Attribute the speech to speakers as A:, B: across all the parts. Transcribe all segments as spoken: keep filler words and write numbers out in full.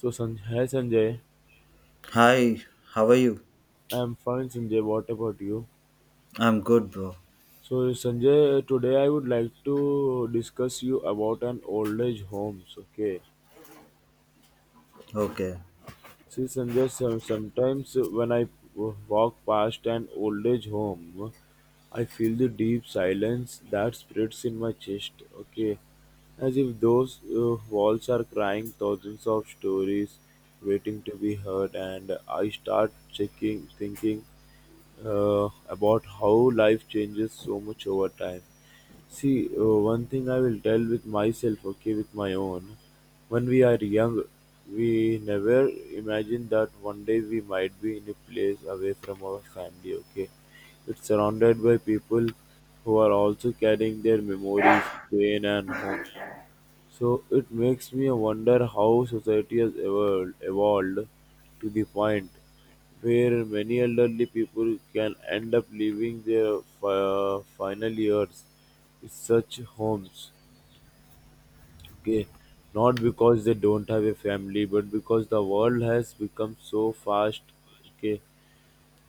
A: So Sanjay, hi Sanjay,
B: Hi, how are you?
A: I'm fine Sanjay. What about you?
B: I'm good, bro.
A: So Sanjay, today I would like to discuss you about an old age homes. Okay.
B: Okay,
A: See Sanjay, some, sometimes when I w- walk past an old age home, I feel the deep silence that spreads in my chest. Okay, as if those uh, walls are crying thousands of stories waiting to be heard, and I start checking, thinking uh, about how life changes so much over time. See, uh, one thing I will tell with myself, okay, with my own. When we are young, we never imagine that one day we might be in a place away from our family, okay? It's surrounded by people who are also carrying their memories, pain, and home. So it makes me wonder how society has evolved, evolved to the point where many elderly people can end up living their fi- final years in such homes. Okay, not because they don't have a family, but because the world has become so fast. Okay,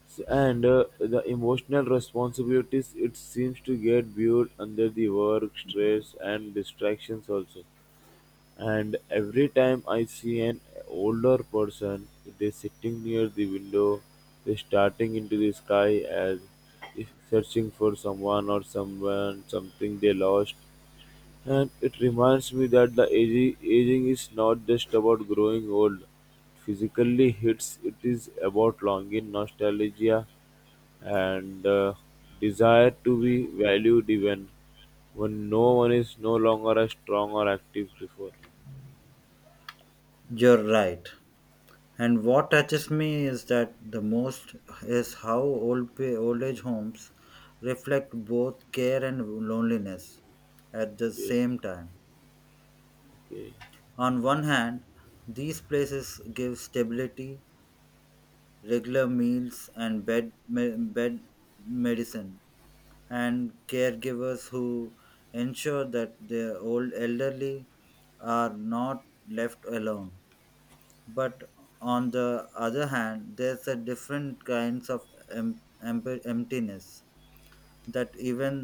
A: S- and uh, the emotional responsibilities it seems to get viewed under the work stress and distractions also, and every time I see an older person, they sitting near the window, they starting into the sky as if searching for someone or someone, something they lost. And it reminds me that the aging, aging is not just about growing old. Physically hits it is about longing, nostalgia, and uh, desire to be valued even when no one is no longer as strong or active before.
B: you're right. And what touches me is that the most is how old pa- old age homes reflect both care and loneliness at the
A: Yeah.
B: same time. On one hand, these places give stability, regular meals, and bed me- bed medicine, and caregivers who ensure that their old elderly are not left alone. But on the other hand, there's a different kinds of em- emp- emptiness that even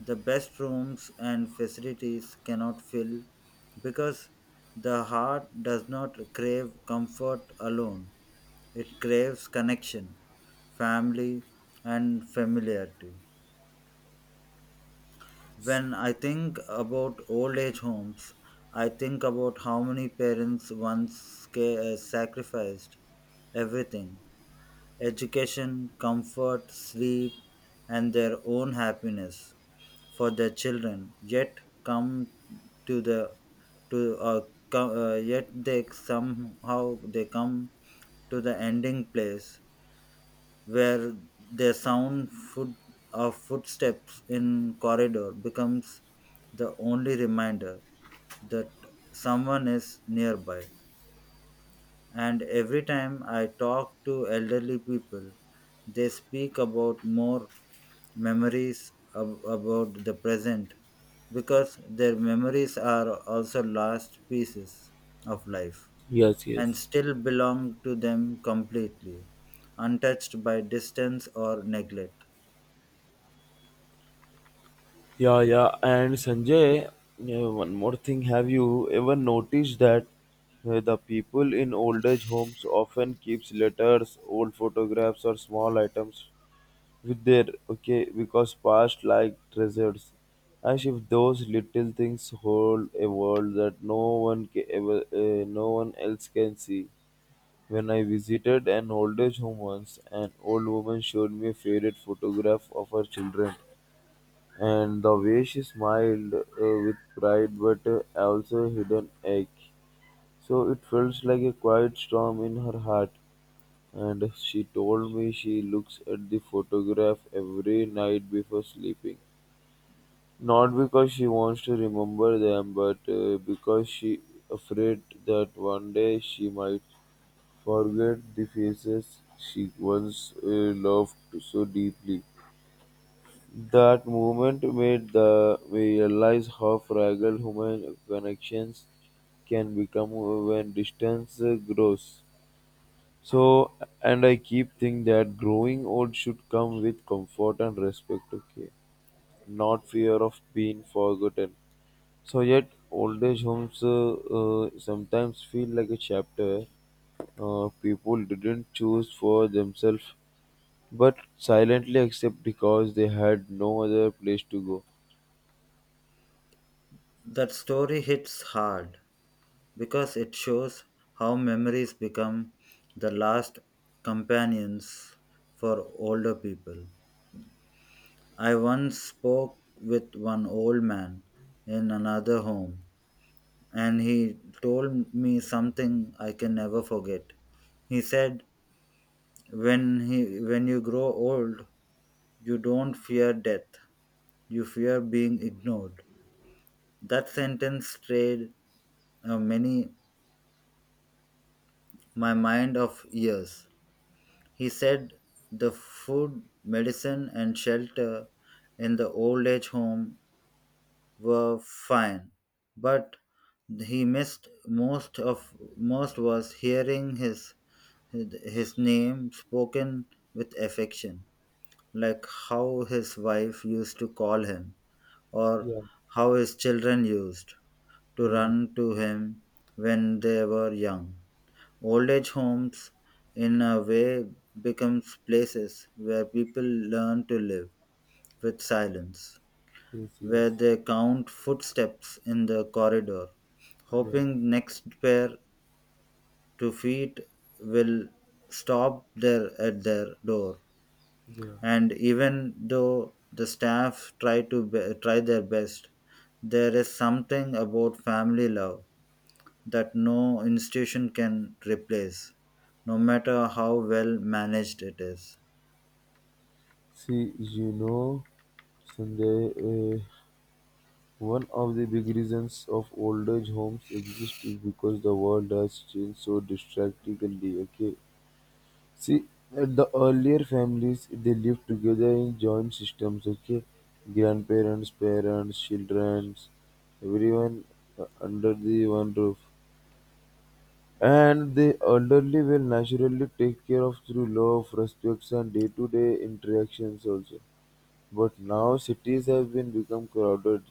B: the best rooms and facilities cannot fill, because the heart does not crave comfort alone. It craves connection, family, and familiarity. When I think about old age homes, I think about how many parents once ca- uh, sacrificed everything, education, comfort, sleep, and their own happiness for their children, yet come to the to uh, co- uh, yet they somehow they come to the ending place where the sound foot of footsteps in corridor becomes the only reminder that someone is nearby. And every time I talk to elderly people, they speak about more memories ab- about the present because their memories are also last pieces of life
A: Yes,
B: and
A: yes.
B: still belong to them completely, untouched by distance or neglect.
A: Yeah, yeah. And Sanjay, yeah, one more thing. Have you ever noticed that uh, the people in old age homes often keeps letters, old photographs, or small items with their, okay, because past like treasures, as if those little things hold a world that no one ca- ever, uh, no one else can see. When I visited an old age home once, an old woman showed me a favorite photograph of her children. And the way she smiled, uh, with pride but uh, also a hidden ache. So it felt like a quiet storm in her heart. And she told me she looks at the photograph every night before sleeping. Not because she wants to remember them, but uh, because she afraid that one day she might forget the faces she once uh, loved so deeply. That moment made the me realize how fragile human connections can become when distance uh, grows. So, and I keep thinking that growing old should come with comfort and respect, okay? Not fear of being forgotten. So, yet old age homes uh, uh, sometimes feel like a chapter uh, people didn't choose for themselves but silently accept because they had no other place to go.
B: That story hits hard because it shows how memories become the last companions for older people. I once spoke with one old man in another home, and he told me something I can never forget. He said, "When he, when you grow old, you don't fear death; you fear being ignored." That sentence stayed uh, many my mind of years. He said the food, medicine, and shelter in the old age home were fine, but he missed most of most was hearing his his name spoken with affection, like how his wife used to call him, or
A: Yeah.
B: how his children used to
A: Yes,
B: run to him when they were young. Old age homes, in a way, becomes places where people learn to live with silence,
A: yes,
B: where
A: yes.
B: they count footsteps in the corridor,
A: Yeah,
B: hoping next pair to feet will stop there at their door.
A: yeah.
B: And even though the staff try to be, try their best, there is something about family love that no institution can replace, no matter how well managed it is.
A: See, you know, Sanjay, uh, one of the big reasons of old age homes exist is because the world has changed so drastically. Okay. See, at the earlier families, they lived together in joint systems. Okay, grandparents, parents, children, everyone uh, under the one roof. And the elderly will naturally take care of through love, respects, and day-to-day interactions also. But now cities have been become crowded.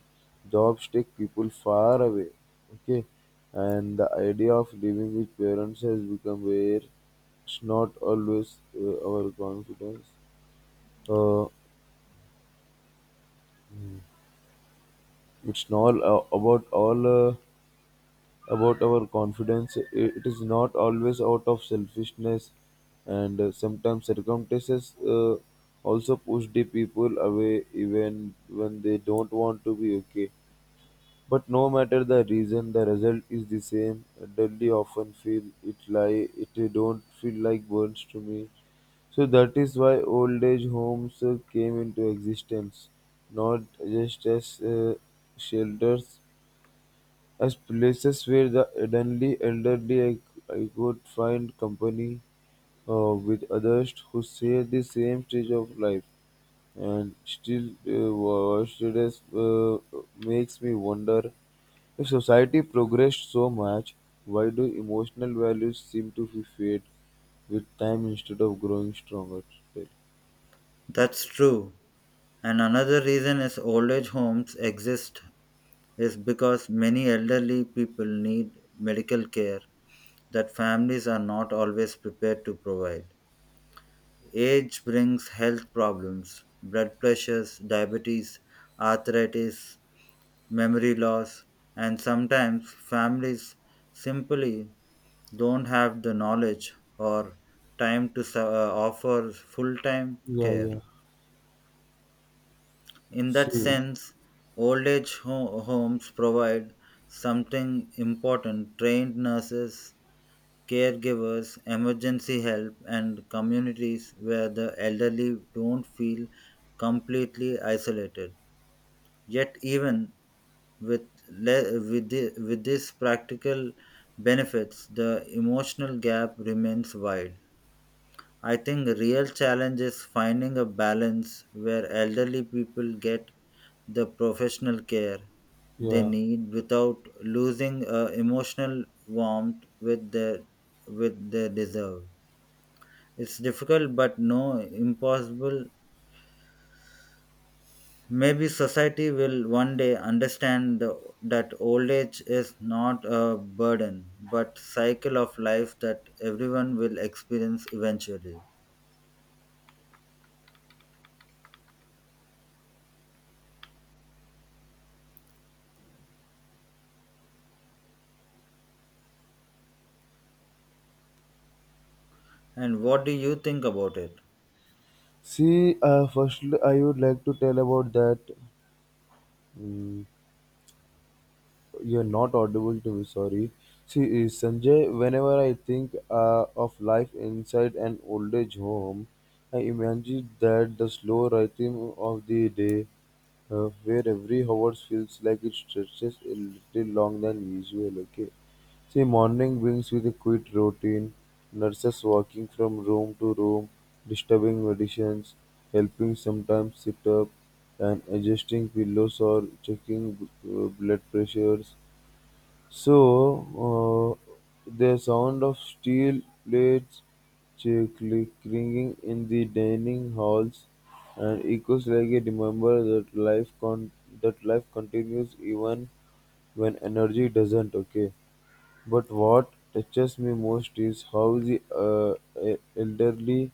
A: Jobs take people far away. Okay, and the idea of living with parents has become rare. It's not always uh, our confidence. Uh, it's not uh, about all. Uh, about our confidence. It is not always out of selfishness, and uh, sometimes circumstances uh, also push the people away even when they don't want to be okay. But no matter the reason, the result is the same. Dudley often feel it lie. It don't feel like burns to me. So that is why old age homes uh, came into existence, not just as uh, shelters, as places where the elderly, elderly I, I could find company uh, with others who share the same stage of life. And still, uh, watched it as, uh, makes me wonder if society progressed so much, why do emotional values seem to be fade with time instead of growing stronger?
B: That's true. And another reason is old age homes exist is because many elderly people need medical care that families are not always prepared to provide. Age brings health problems, blood pressures, diabetes, arthritis, memory loss, and sometimes families simply don't have the knowledge or time to su- uh, offer full time
A: Yeah,
B: care.
A: yeah.
B: In that
A: See,
B: sense, old age ho- homes provide something important, trained nurses, caregivers, emergency help, and communities where the elderly don't feel completely isolated. Yet, even with, le- with, the- with these practical benefits, the emotional gap remains wide. I think the real challenge is finding a balance where elderly people get the professional care they
A: yeah.
B: need without losing uh, emotional warmth with their with their deserve. It's difficult but no impossible. Maybe society will one day understand the, that old age is not a burden but cycle of life that everyone will experience eventually. And what do you think about it?
A: See, uh, firstly, I would like to tell about that. mm, You're not audible to me, sorry. See, eh, Sanjay, whenever I think uh, of life inside an old age home, I imagine that the slow rhythm of the day, uh, where every hour feels like it stretches a little long than usual, okay? See, morning brings with a quick routine, nurses walking from room to room, disturbing medicines, helping sometimes sit up, and adjusting pillows or checking uh, blood pressures. So, uh, the sound of steel plates chickly ringing in the dining halls and echoes like a reminder that life con- that life continues even when energy doesn't. Okay. But what touches me most is how the uh, e- elderly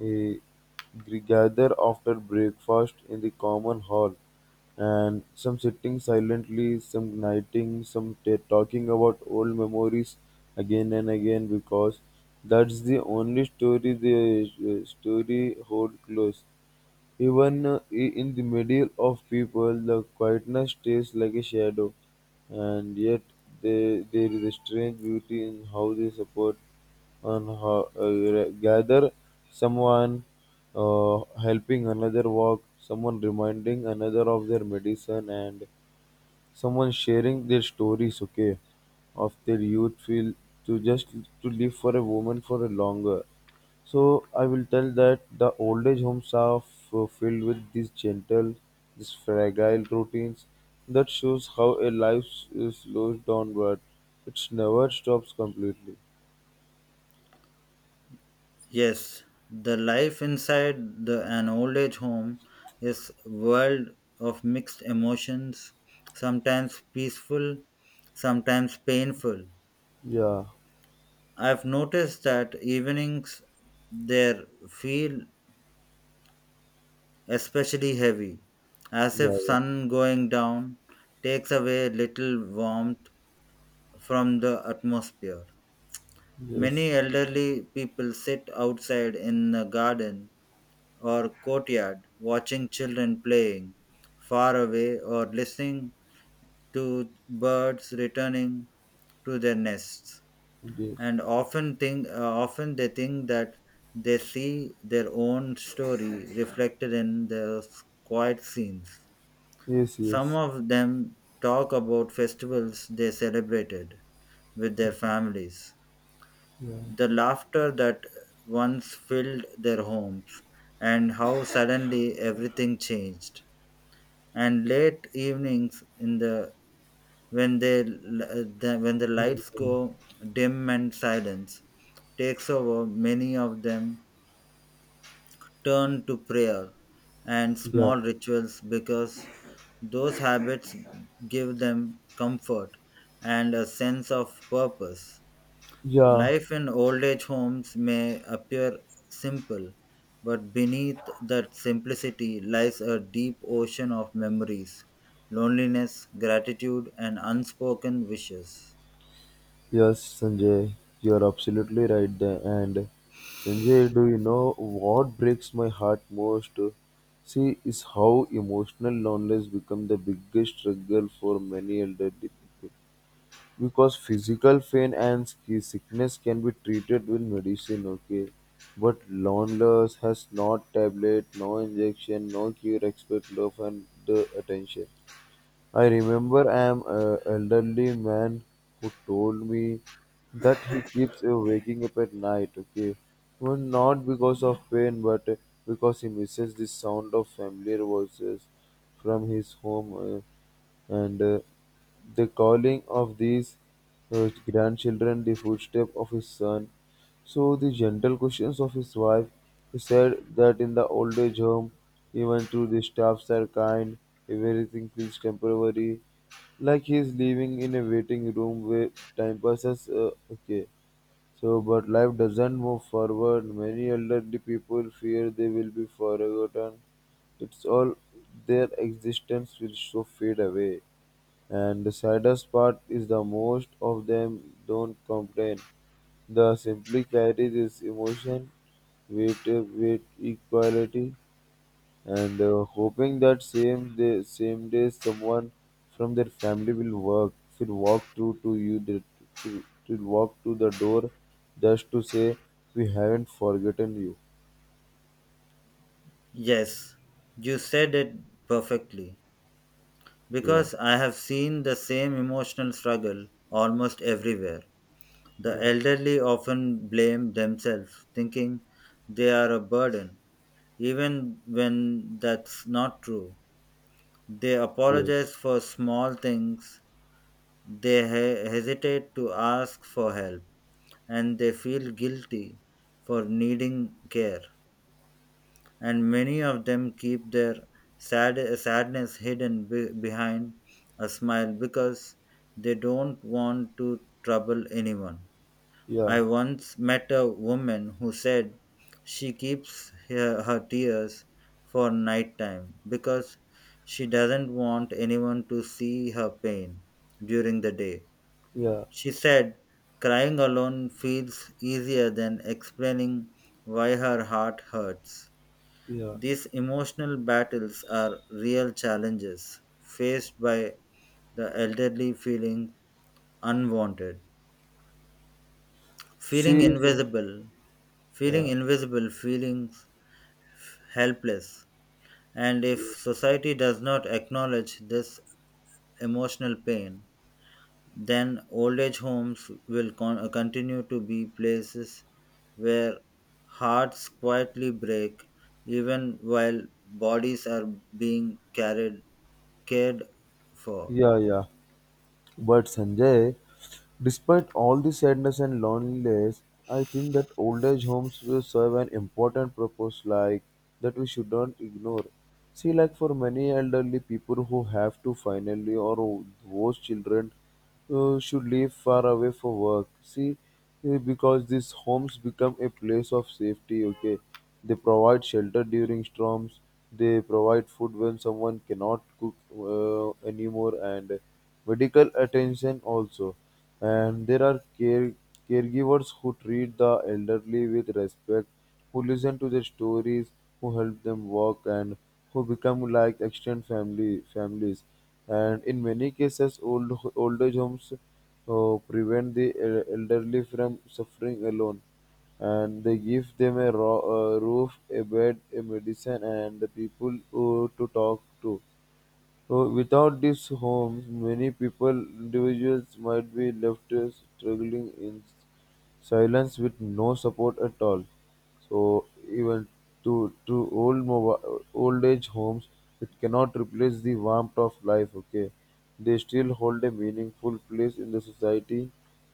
A: eh, gather after breakfast in the common hall, and some sitting silently, some knighting, some t- talking about old memories again and again because that's the only story the uh, story hold close. Even uh, i- in the middle of people, the quietness stays like a shadow, and yet they, there is a strange beauty in how they support and how, uh, gather someone uh, helping another walk, someone reminding another of their medicine, and someone sharing their stories, okay, of their youth feel to just to live for a woman for a longer. So I will tell that the old age homes are f- filled with these gentle, these fragile routines that shows how a life s- slows down, but it never stops completely.
B: Yes, the life inside the, an old age home is world of mixed emotions, sometimes peaceful, sometimes painful.
A: Yeah,
B: I've noticed that evenings there feel especially heavy, as
A: yeah,
B: if
A: yeah.
B: sun going down takes away little warmth from the atmosphere.
A: Yes,
B: Many elderly people sit outside in the garden or courtyard, watching children playing far away or listening to birds returning to their nests.
A: yes,
B: And often think, uh, often they think that they see their own story reflected in those quiet scenes.
A: yes,
B: Some
A: yes.
B: of them talk about festivals they celebrated with their families,
A: Yeah,
B: the laughter that once filled their homes, and how suddenly everything changed. And late evenings in the, when they l- the, when the lights go
A: yeah,
B: dim and silence takes over, many of them turn to prayer and
A: yeah.
B: small rituals because those habits give them comfort and a sense of purpose.
A: Yeah.
B: Life in old age homes may appear simple, but beneath that simplicity lies a deep ocean of memories, loneliness, gratitude, and unspoken wishes.
A: Yes, Sanjay, you're absolutely right there. And Sanjay, do you know what breaks my heart most? See, is how emotional loneliness become the biggest struggle for many elderly people. Because physical pain and ski- sickness can be treated with medicine, okay? But loneliness has not tablet, no injection, no cure, expect love and the attention. I remember an uh, elderly man who told me that he keeps uh, waking up at night, okay? Well, not because of pain, but uh, because he misses the sound of familiar voices from his home, uh, and uh, the calling of these uh, grandchildren, the footstep of his son. So the gentle questions of his wife, he said that in the old age home, even though the staffs are kind, everything feels temporary, like he is living in a waiting room where time passes. Uh, okay, so but life doesn't move forward. Many elderly people fear they will be forgotten. It's all their existence will so fade away. And the saddest part is the most of them don't complain. They simply carry this emotion with with equality and uh, hoping that same day same day someone from their family will work will walk through to you that will will walk to the door just to say we haven't forgotten you.
B: Yes, you said it perfectly,
A: Yeah.
B: because I have seen the same emotional struggle almost everywhere. The
A: Yeah,
B: elderly often blame themselves, thinking they are a burden, even when that's not true. They
A: yes,
B: apologize for small things, they he- hesitate to ask for help, and they feel guilty for needing care. And many of them keep their sad- sadness hidden be- behind a smile because they don't want to trouble anyone.
A: yeah,
B: I once met a woman who said she keeps her, her tears for nighttime because she doesn't want anyone to see her pain during the day.
A: yeah,
B: She said crying alone feels easier than explaining why her heart hurts.
A: yeah,
B: These emotional battles are real challenges faced by the elderly, feeling unwanted, feeling
A: see. See-
B: invisible,
A: yeah.
B: feeling invisible, feeling helpless. And if society does not acknowledge this emotional pain, then old age homes will con- uh, continue to be places where hearts quietly break even while bodies are being carried cared for.
A: Yeah. Yeah. But Sanjay, despite all the sadness and loneliness, I think that old age homes will serve an important purpose like that we should not ignore. See, like for many elderly people who have to finally or those children uh, should live far away for work. See, uh, because these homes become a place of safety, okay? They provide shelter during storms, they provide food when someone cannot cook uh, anymore, and medical attention also. And there are care- caregivers who treat the elderly with respect, who listen to their stories, who help them walk, and who become like extended family families. And in many cases, old old age homes uh, prevent the el- elderly from suffering alone, and they give them a, ro- a roof, a bed, a medicine, and the people uh, to talk to. So without these homes, many people, individuals might be left uh, struggling in silence with no support at all. So even to to old mobile, old age homes, it cannot replace the warmth of life. Okay, they still hold a meaningful place in the society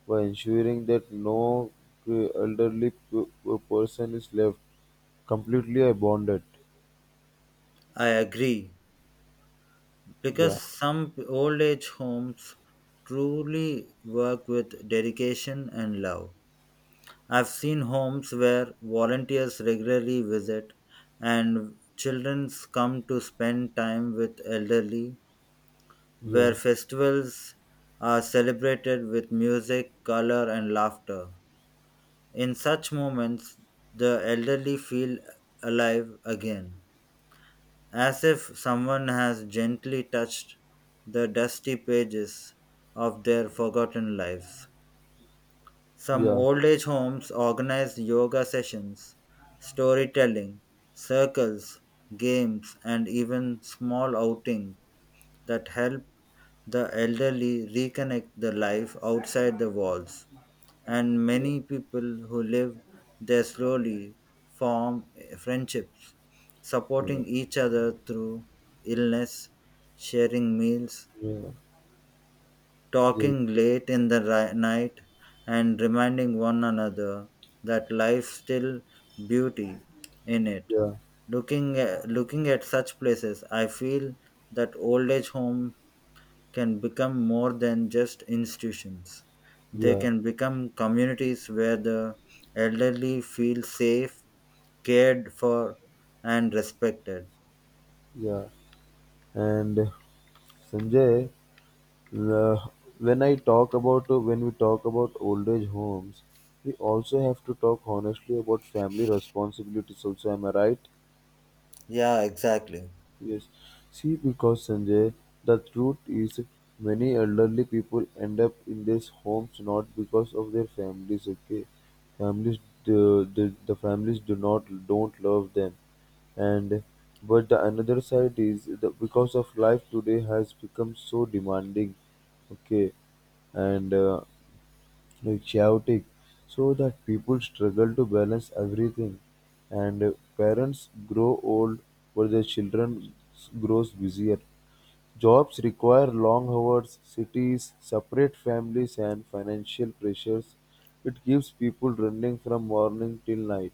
A: by ensuring that no uh, elderly p- p- person is left completely abandoned.
B: I agree,
A: Yeah,
B: because some old age homes truly work with dedication and love. I've seen homes where volunteers regularly visit and children come to spend time with elderly,
A: yeah,
B: where festivals are celebrated with music, color, and laughter. In such moments, the elderly feel alive again, as if someone has gently touched the dusty pages of their forgotten lives. Some
A: yeah,
B: old age homes organize yoga sessions, storytelling, circles, games, and even small outings that help the elderly reconnect the life outside the walls. And
A: yeah,
B: many people who live there slowly form friendships,
A: yeah.
B: supporting each other through illness, sharing meals,
A: Yeah, yeah,
B: talking late in the ri- night, and reminding one another that life still beauty in it.
A: yeah,
B: Looking at, looking at such places, I feel that old age home can become more than just institutions. They
A: yeah,
B: can become communities where the elderly feel safe, cared for, and respected.
A: yeah. And Sanjay, uh, when I talk about uh, when we talk about old age homes, we also have to talk honestly about family responsibilities. Also, am I right?
B: Yeah, exactly.
A: Yes. See, because Sanjay, the truth is, many elderly people end up in these homes not because of their families. Okay, families the the, the families do not don't love them, and but the another side is the because of life today has become so demanding. Okay, and uh, like chaotic so that people struggle to balance everything, and uh, parents grow old but their children s- grows busier. Jobs require long hours, cities, separate families and financial pressures. It keeps people running from morning till night.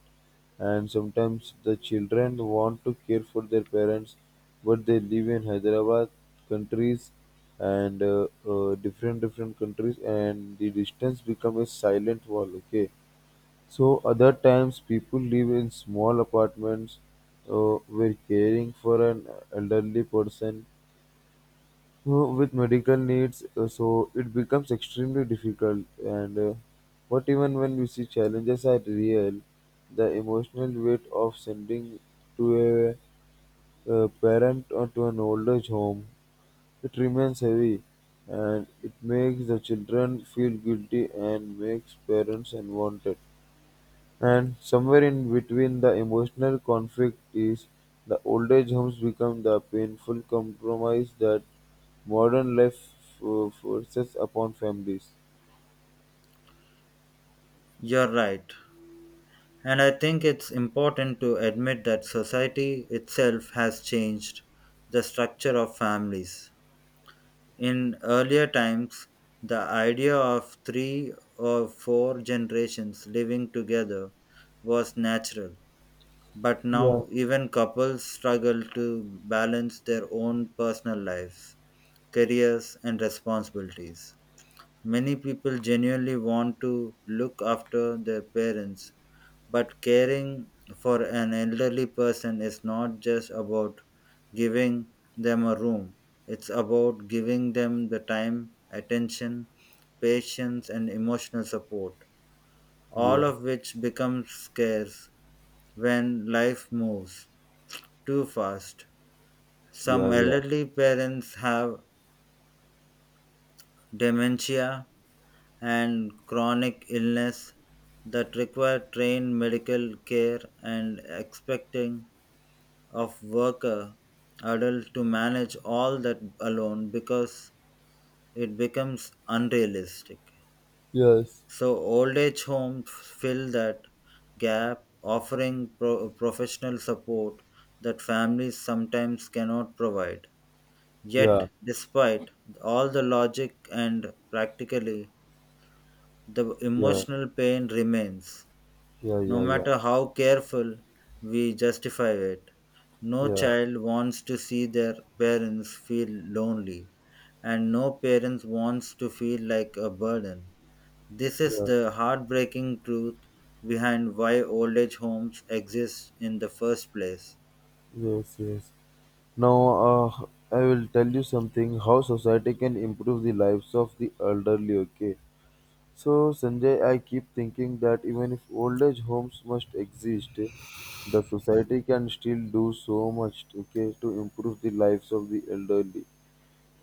A: And sometimes the children want to care for their parents, but they live in Hyderabad countries and uh, uh, different different countries, and the distance becomes a silent wall. Okay, so other times people live in small apartments uh, where caring for an elderly person uh, with medical needs, uh, so it becomes extremely difficult. And uh, what Even when we see, challenges are real. The emotional weight of sending to a, uh parent or to an old age home, it remains heavy, and it makes the children feel guilty and makes parents unwanted. And somewhere in between the emotional conflict is, the old age homes become the painful compromise that modern life uh, forces upon families.
B: You're right. And I think it's important to admit that society itself has changed the structure of families. In earlier times, the idea of three or four generations living together was natural. But
A: Yeah.
B: now, even couples struggle to balance their own personal lives, careers, and responsibilities. Many people genuinely want to look after their parents, but caring for an elderly person is not just about giving them a room, it's about giving them the time, attention, patience, and emotional support, all
A: Yeah,
B: of which becomes scarce when life moves too fast.
A: yeah,
B: Some
A: yeah.
B: elderly parents have dementia and chronic illness that require trained medical care, and expecting of worker adult to manage all that alone, because it becomes unrealistic.
A: Yes.
B: So old age homes fill that gap, offering pro- professional support that families sometimes cannot provide. Yet,
A: Yeah,
B: despite all the logic and practically, the
A: yeah,
B: emotional pain remains,
A: yeah,
B: no
A: yeah, yeah,
B: matter how careful we justify it. No
A: yeah,
B: child wants to see their parents feel lonely, and no parents wants to feel like a burden. This is
A: yeah.
B: the heartbreaking truth behind why old age homes exist in the first place.
A: Yes, yes. Now, uh, I will tell you something, how society can improve the lives of the elderly, okay? So, Sanjay, I keep thinking that even if old age homes must exist, the society can still do so much, okay, to improve the lives of the elderly.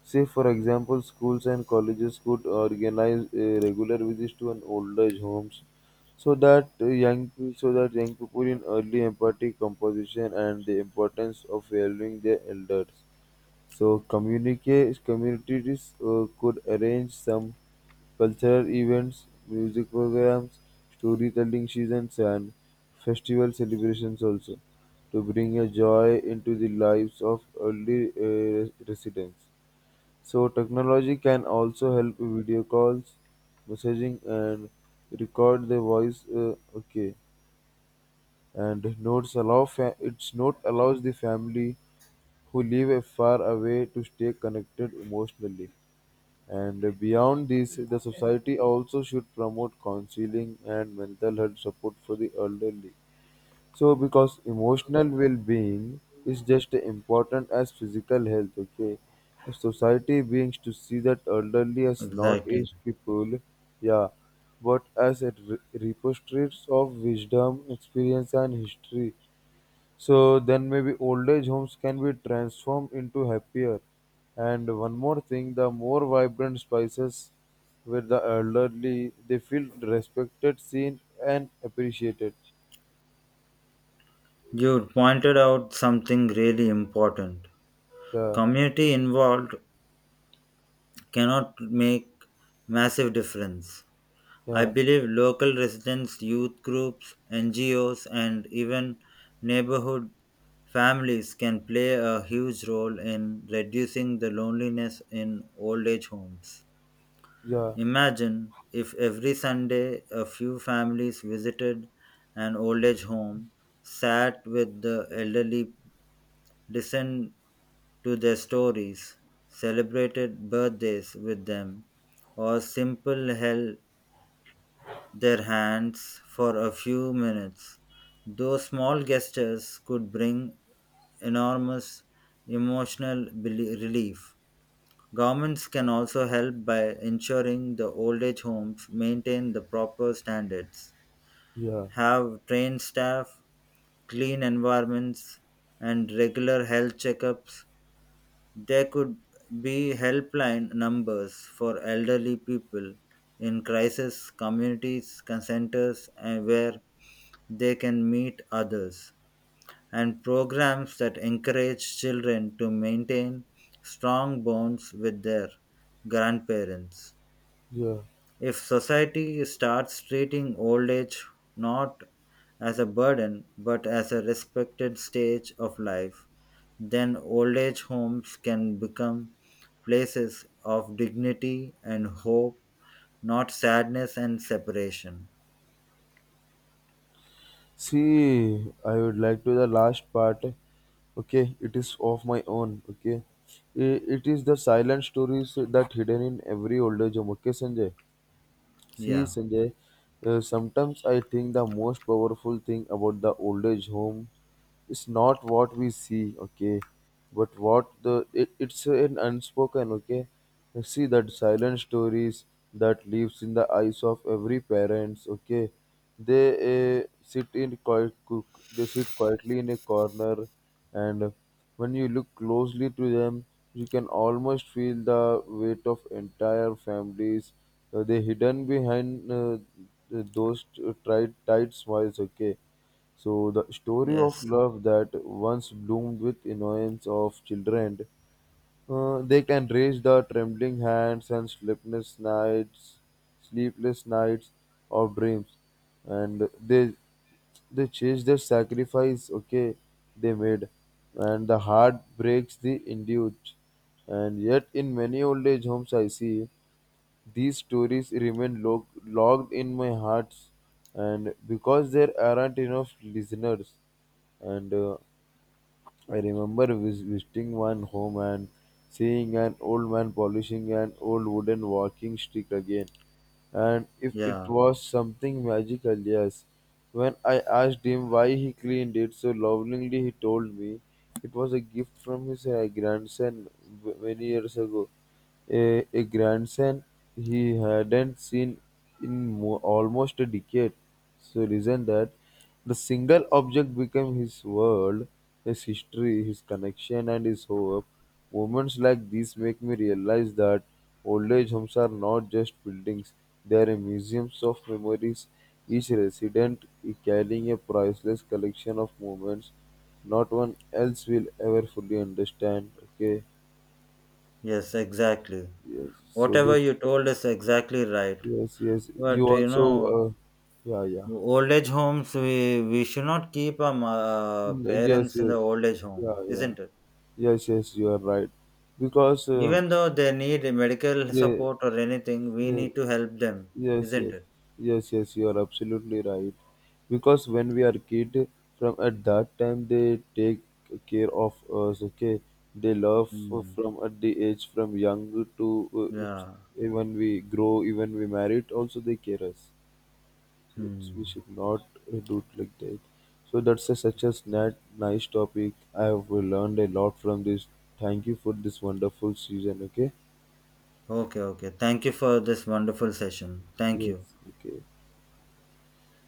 A: Say, for example, schools and colleges could organize uh, regular visits to an old age homes, so that uh, young so that young people in early empathy composition and the importance of valuing their elders. So communicate communities uh, could arrange some cultural events, music programs, storytelling seasons, and festival celebrations also, to bring a joy into the lives of early uh, residents. So technology can also help with video calls, messaging, and record the voice. Uh, okay, and notes allow fa- its note allows the family who live far away to stay connected emotionally. And beyond this, the society also should promote counseling and mental health support for the elderly. So, because emotional well being is just as important as physical health, okay? If society begins to see that elderly as not
B: Exactly.
A: aged people, yeah, but as a re- repositories of wisdom, experience, and history, so then maybe old age homes can be transformed into happier. And one more thing, the more vibrant spaces where the elderly, they feel respected, seen, and appreciated.
B: You pointed out something really important.
A: Yeah,
B: Community involved cannot make massive difference. I
A: yeah,
B: believe local residents, youth groups, N G Os, and even neighborhood families can play a huge role in reducing the loneliness in old age homes.
A: yeah,
B: Imagine if every Sunday a few families visited an old age home, sat with the elderly, listened to their stories, celebrated birthdays with them, or simple held their hands for a few minutes. Those small gestures could bring enormous emotional beli- relief. Governments can also help by ensuring the old age homes maintain the proper standards,
A: yeah,
B: have trained staff, clean environments, and regular health checkups. There could be helpline numbers for elderly people in crisis communities, centers, and where they can meet others, and programs that encourage children to maintain strong bonds with their grandparents.
A: yeah.
B: If society starts treating old age not as a burden but as a respected stage of life, then old age homes can become places of dignity and hope, not sadness and separation.
A: See, I would like to the last part. Okay, it is of my own. Okay, I- it is the silent stories that hidden in every old age home. Okay, Sanjay. See,
B: Yeah,
A: Sanjay, uh, sometimes I think the most powerful thing about the old age home, it's not what we see, okay, but what the it, it's an unspoken, okay. See, that silent stories that lives in the eyes of every parents, okay. They uh, sit in quiet cook they sit quietly in a corner, and when you look closely to them, you can almost feel the weight of entire families, uh, they hidden behind, uh, th- those t- tight tight smiles, okay. So the story of
B: yes,
A: love that once bloomed with innocence of children, uh, they can raise the trembling hands and sleepless nights, sleepless nights of dreams, and they they chase the sacrifice. Okay, they made, and the heart breaks the induced, and yet in many old age homes I see. These stories remain log- logged in my heart, and because there aren't enough listeners. And uh, I remember vis- visiting one home and seeing an old man polishing an old wooden walking stick again. And if it
B: yeah,
A: was something magical, yes. When I asked him why he cleaned it so lovingly, he told me it was a gift from his uh, grandson w- many years ago. A, a grandson he hadn't seen in mo- almost a decade. So reason that the single object became his world, his history, his connection, and his hope. Moments like these make me realize that old age homes are not just buildings; they are museums of memories. Each resident carrying a priceless collection of moments, not one else will ever fully understand. Okay,
B: yes, exactly.
A: yes. So
B: Whatever
A: this.
B: you told is exactly right.
A: Yes, yes. You
B: But you
A: also,
B: know,
A: uh, yeah, yeah.
B: old age homes, we, we should not keep our ma-
A: Mm, yes,
B: parents in the
A: yes,
B: old age home,
A: yeah, yeah.
B: isn't it?
A: Yes, yes. You are right. Because, um,
B: Even though they need medical
A: yeah,
B: support or anything, we
A: yeah,
B: need to help them,
A: yes,
B: isn't
A: yes,
B: it?
A: yes, yes. You are absolutely right. Because when we are kid, from at that time they take care of us. Okay, they love
B: Mm.
A: from at the age from young to,
B: Yeah.
A: uh, even we grow, even we married. Also, they care us. Which we
B: Hmm.
A: should not uh, do it like that. So that's a, such a snat, nice topic. I have learned a lot from this. Thank you for this wonderful season. Okay.
B: Okay, okay. Thank you for this wonderful session. Thank you.
A: Yes. Okay.